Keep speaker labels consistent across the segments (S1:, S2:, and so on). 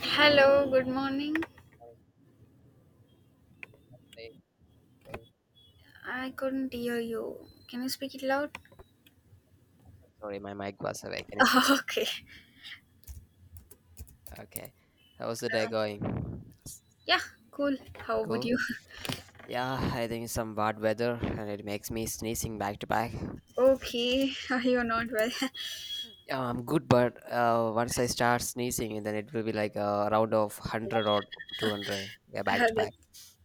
S1: Hello, good morning.
S2: Day going?
S1: I couldn't hear you. Can you speak it loud?
S2: Sorry, my mic was awakening.
S1: Okay.
S2: Okay. How's the day
S1: Uh,
S2: going?
S1: yeah, cool. How would
S2: Cool.
S1: you?
S2: Yeah, I think it's some bad weather and it makes me sneezing back to back.
S1: Okay, you're not well.
S2: Yeah, I'm good, but once I start sneezing, then it will be like a round of 100 or 200. Yeah, back to
S1: That,
S2: back.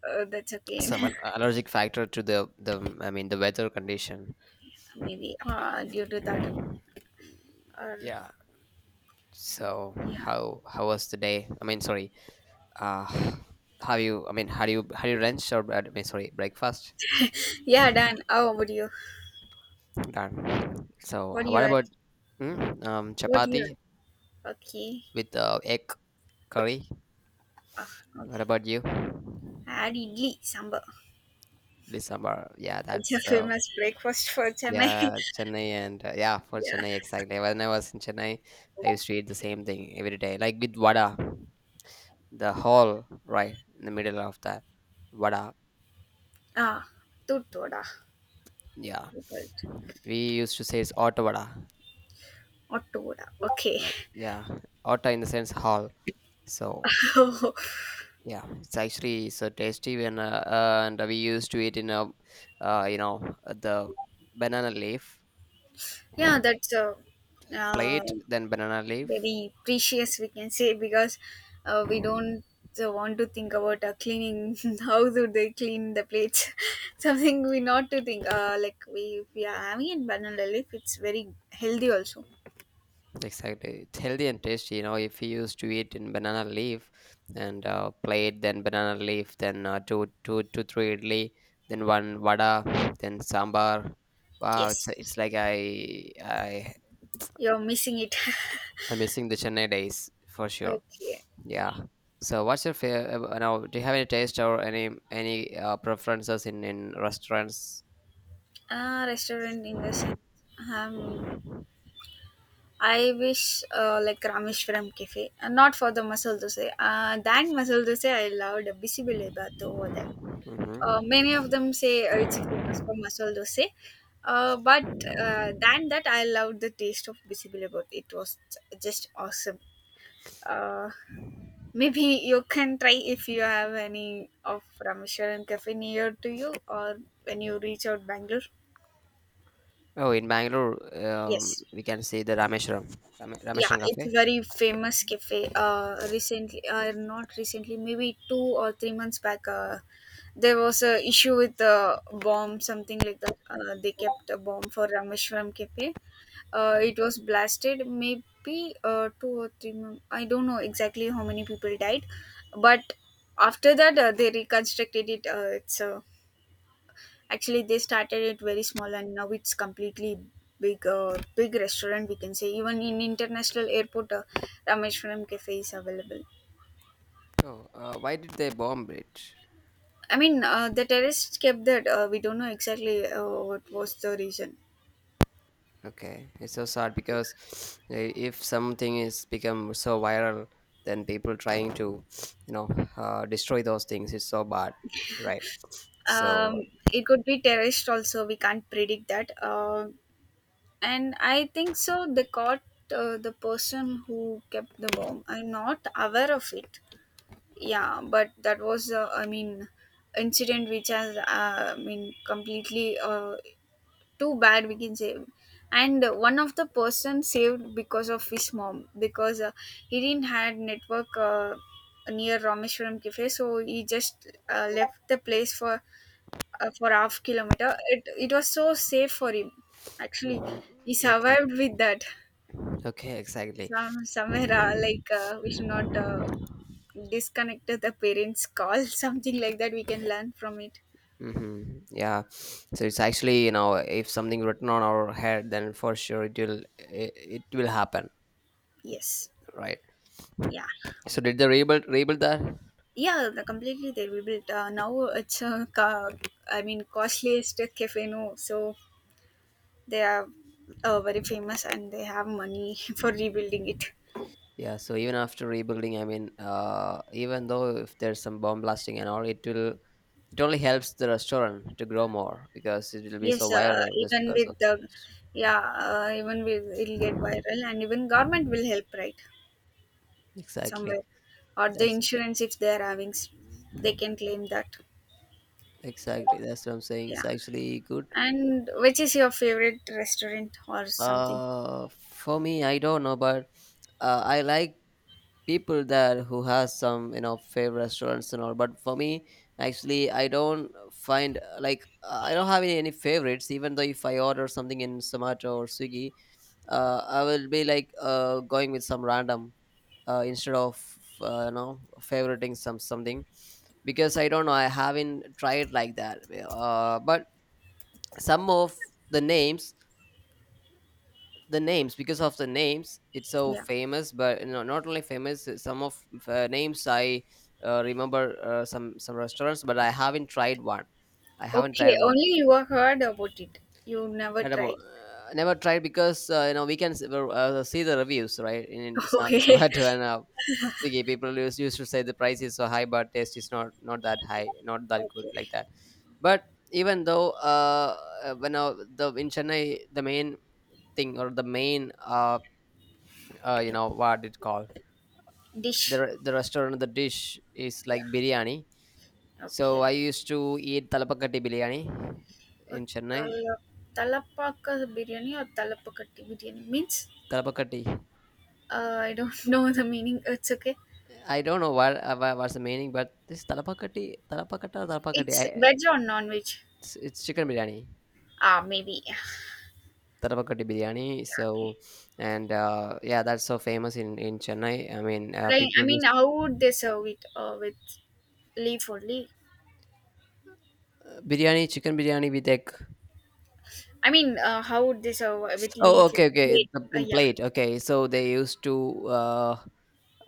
S1: that's okay.
S2: Some allergic factor to the I mean, the weather condition.
S1: Maybe due to that. Or
S2: Yeah. So
S1: yeah,
S2: how was the day? I mean, sorry, uh how you, I mean, how do you, lunch or I mean, sorry, breakfast
S1: yeah, done. How would you?
S2: done. So
S1: What do
S2: what
S1: you had?
S2: about
S1: What do
S2: chapati
S1: you had? Okay.
S2: with egg curry?
S1: Uh,
S2: What
S1: okay.
S2: about you?
S1: I had idli sambar.
S2: December, yeah,
S1: It's a
S2: that's
S1: famous breakfast for Chennai.
S2: yeah, Chennai, and yeah, for
S1: Yeah.
S2: Chennai exactly when I was in Chennai. I used to eat the same thing every day, like with vada, the hall right in the middle of that vada.
S1: Ah, tuttoda.
S2: Yeah, we used to say it's auto vada.
S1: What? Okay.
S2: uh, yeah, auto in the sense hall. So
S1: Oh,
S2: yeah, it's actually so tasty when and we used to eat in a, uh, you know the banana leaf
S1: yeah, that's uh,
S2: plate, then banana leaf.
S1: very precious, we can say, because we don't want to think about cleaning. How do they clean the plates? Something we not to think. Like we are having in banana leaf, it's very healthy also.
S2: Exactly, it's healthy and tasty. If you used to eat in banana leaf and plate, then banana leaf, then two three idli, then one vada, then sambar. Wow, it's
S1: Yes,
S2: it's like
S1: you're missing it.
S2: I'm missing the Chennai days for sure.
S1: Okay,
S2: Yeah. So, what's your favorite? Now, do you have any taste or any preferences in restaurants?
S1: restaurant in the sense. Um, I wish like Rameshwaram cafe, not for the masala dosa. That masala dosa, I loved Bisibili Bath over there. Many
S2: Hmm.
S1: of them say it's famous for masala dosa, but than that, I loved the taste of bisibili bath. It was just awesome. Uh, Maybe you can try if you have any of Rameshwaran cafe near to you, or when you reach out Bangalore.
S2: Oh, in Bangalore,
S1: Yes.
S2: we can see the Rameshram,
S1: Yeah,
S2: Rameshram
S1: it's a
S2: Cafe.
S1: very famous cafe, recently, not recently, maybe 2 or 3 months back. There was a issue with a bomb, something like that. They kept a bomb for rameshwaram cafe. It was blasted maybe two or three I don't know exactly how many people died. But after that, they reconstructed it. It's a Actually, they started it very small, and now it's completely big, big restaurant. We can say even in international airport, Rameshwaram cafe is available.
S2: Oh, why did they bomb it?
S1: I mean, the terrorists kept that. We don't know exactly what was the reason.
S2: Okay, it's so sad because if something is become so viral, then people trying to, you know, destroy those things is so bad, right? So,
S1: Um, it could be terrorist also. We can't predict that. And I think so. They caught the person who kept the bomb. I'm not aware of it. Yeah, but that was I mean, incident which has I mean completely too bad, we can say. And one of the person saved because of his mom, because he didn't had network near rameshwaram cafe, so he just left the place for half kilometer. It it was so safe for him, actually.
S2: mhm.
S1: He
S2: Okay,
S1: survived with that.
S2: okay, exactly.
S1: Some somewhere, we should not disconnected the parents call, something like that we can learn from it.
S2: Hmm. Yeah, so it's actually, if something written on our head, then for sure it will, it will happen,
S1: Yes.
S2: right?
S1: Yeah.
S2: So did they rebuild that?
S1: Yeah, the completely they rebuilt. Now it's a I mean, costliest cafe, no? So they are very famous and they have money for rebuilding it.
S2: Yeah. So even after rebuilding, I mean, even though if there's some bomb blasting and all, it only helps the restaurant to grow more because it will be
S1: Yes,
S2: so viral just because of.
S1: even with, it'll get viral and even government will help, right?
S2: exactly
S1: Somewhere or the
S2: that's
S1: insurance, if they are having they can claim that.
S2: exactly that's what I'm saying.
S1: Yeah.
S2: It's actually good.
S1: And which is your favorite restaurant or something?
S2: For me, I don't know, but I like people there who has some, favorite restaurants and all, but for me actually I don't find like, I don't have any favorites, even though if I order something in Samato or Swiggy. I will be like, going with some random, instead of, favoriting something, because I don't know, I haven't tried like that. But some of the names because of the names it's so
S1: Yeah.
S2: famous. But not only famous, some of, names I remember, some restaurants, but I haven't
S1: Okay,
S2: tried one.
S1: only you have heard about it. You never
S2: Not about,
S1: tried.
S2: never tried, because we can see the reviews, right, in some
S1: Okay.
S2: Zomato and Swiggy. People used to say the price is so high, but taste is not that high, not that good,
S1: Okay.
S2: like that. But even though, when, the in Chennai, the main thing, or the main, you know what it called,
S1: Dish.
S2: the restaurant, the dish, is like
S1: Yeah.
S2: biryani. So
S1: Okay.
S2: I used to eat talapakati biryani
S1: Uh,
S2: in Chennai.
S1: tala- Talapaka biryani or talapakatti biryani means,
S2: Talapakati,
S1: I don't know the meaning. It's okay.
S2: I don't know what what's the meaning, but this talapakati, talapakata, or talapakati,
S1: It's veg or non veg?
S2: it's chicken biryani,
S1: Ah, maybe.
S2: talapakati biryani. So
S1: Yeah, okay.
S2: and yeah, that's so famous in Chennai. I mean,
S1: Like
S2: people
S1: I mean,
S2: use
S1: how would they serve it? With leaf only?
S2: biryani, chicken biryani with egg.
S1: I mean, how would they survive with
S2: Oh,
S1: leaves and
S2: okay, okay. It's
S1: clay?
S2: in
S1: Yeah.
S2: plate. Okay, so they used to, uh,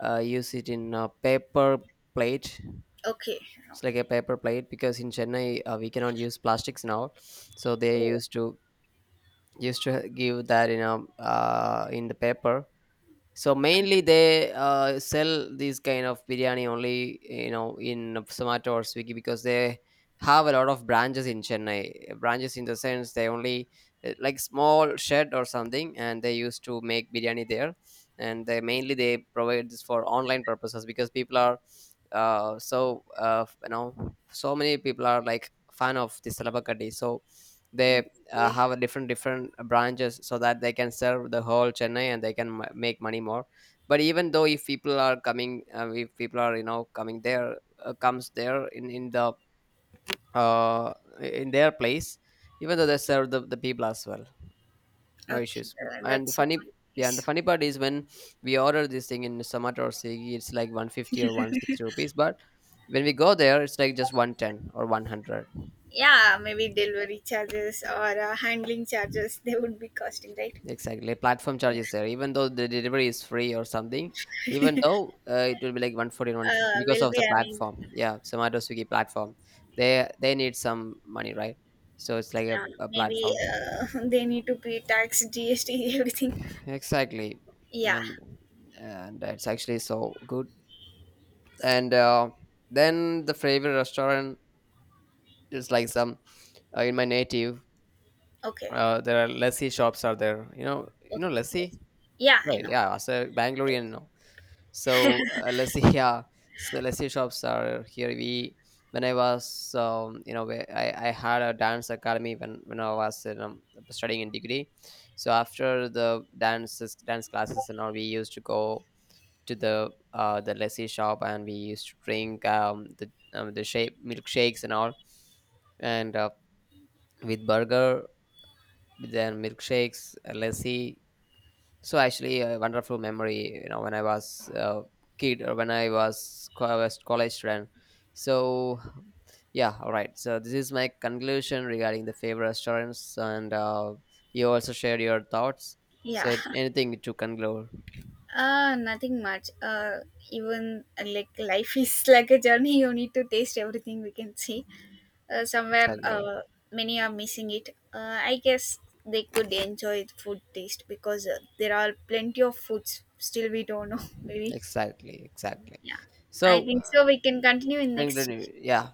S2: uh, use it in a paper plate.
S1: Okay.
S2: It's like a paper plate because in Chennai, we cannot use plastics now. So they
S1: Oh,
S2: used to give that in a, in the paper. So mainly they, sell these kind of biryani only, in Zomato or Swiggy, because they have a lot of branches in Chennai. Branches in the sense they only, like small shed or something, and they used to make biryani there. And they mainly they provide this for online purposes because people are, so, so many people are like fan of this salabakadi. So they,
S1: okay.
S2: have a different branches so that they can serve the whole Chennai, and they can make money more. But even though if people are coming, if people are, coming there, comes there in the, uh, in their place, even though they serve the people as well, no
S1: Okay.
S2: issues. And the
S1: That's
S2: funny Yeah, and the
S1: nice.
S2: funny part is when we order this thing in Zomato or Swiggy, it's like 150 or 160 rupees, but when we go there it's like just 110 or 100.
S1: Yeah, maybe delivery charges or handling charges they would be costing, right?
S2: Exactly, like platform charges
S1: Yeah.
S2: there. Even though the delivery is free or something, even though, it will be like 140, 150 because
S1: Will
S2: of the
S1: be. I mean,
S2: platform. Yeah, Zomato Swiggy platform. They need some money, right? So it's like a,
S1: yeah.
S2: a
S1: Maybe
S2: platform.
S1: they need to pay tax, GST, everything.
S2: Exactly,
S1: Yeah.
S2: and and it's actually so good. And then the favorite restaurant is like some, in my native.
S1: Okay.
S2: There are lassi shops are there. You
S1: Okay.
S2: know lassi,
S1: Yeah, I
S2: right?
S1: know.
S2: Yeah, as a Bangalorean, so let's see, yeah. So let's see, shops are here. We, when I was, where I had a dance academy, when I was, studying in degree. So after the dances, dance classes and all, we used to go to the lassi shop, and we used to drink, the shape milkshakes and all, and with burger, then milkshakes, lassi. So actually, a wonderful memory. You know, when I was a kid, or when I was college student. So yeah, all right. So this is my conclusion regarding the favorite restaurants, and you also shared your thoughts.
S1: Yeah.
S2: So anything to conclude?
S1: Ah, nothing much. Even Like life is like a journey. You need to taste everything, we can see. Uh, somewhere,
S2: Exactly,
S1: uh, Many are missing it. I guess they could enjoy the food taste, because there are plenty of foods still we don't know. Maybe
S2: exactly, exactly.
S1: yeah. I
S2: So
S1: think so. We can continue in next.
S2: conclude. Yeah,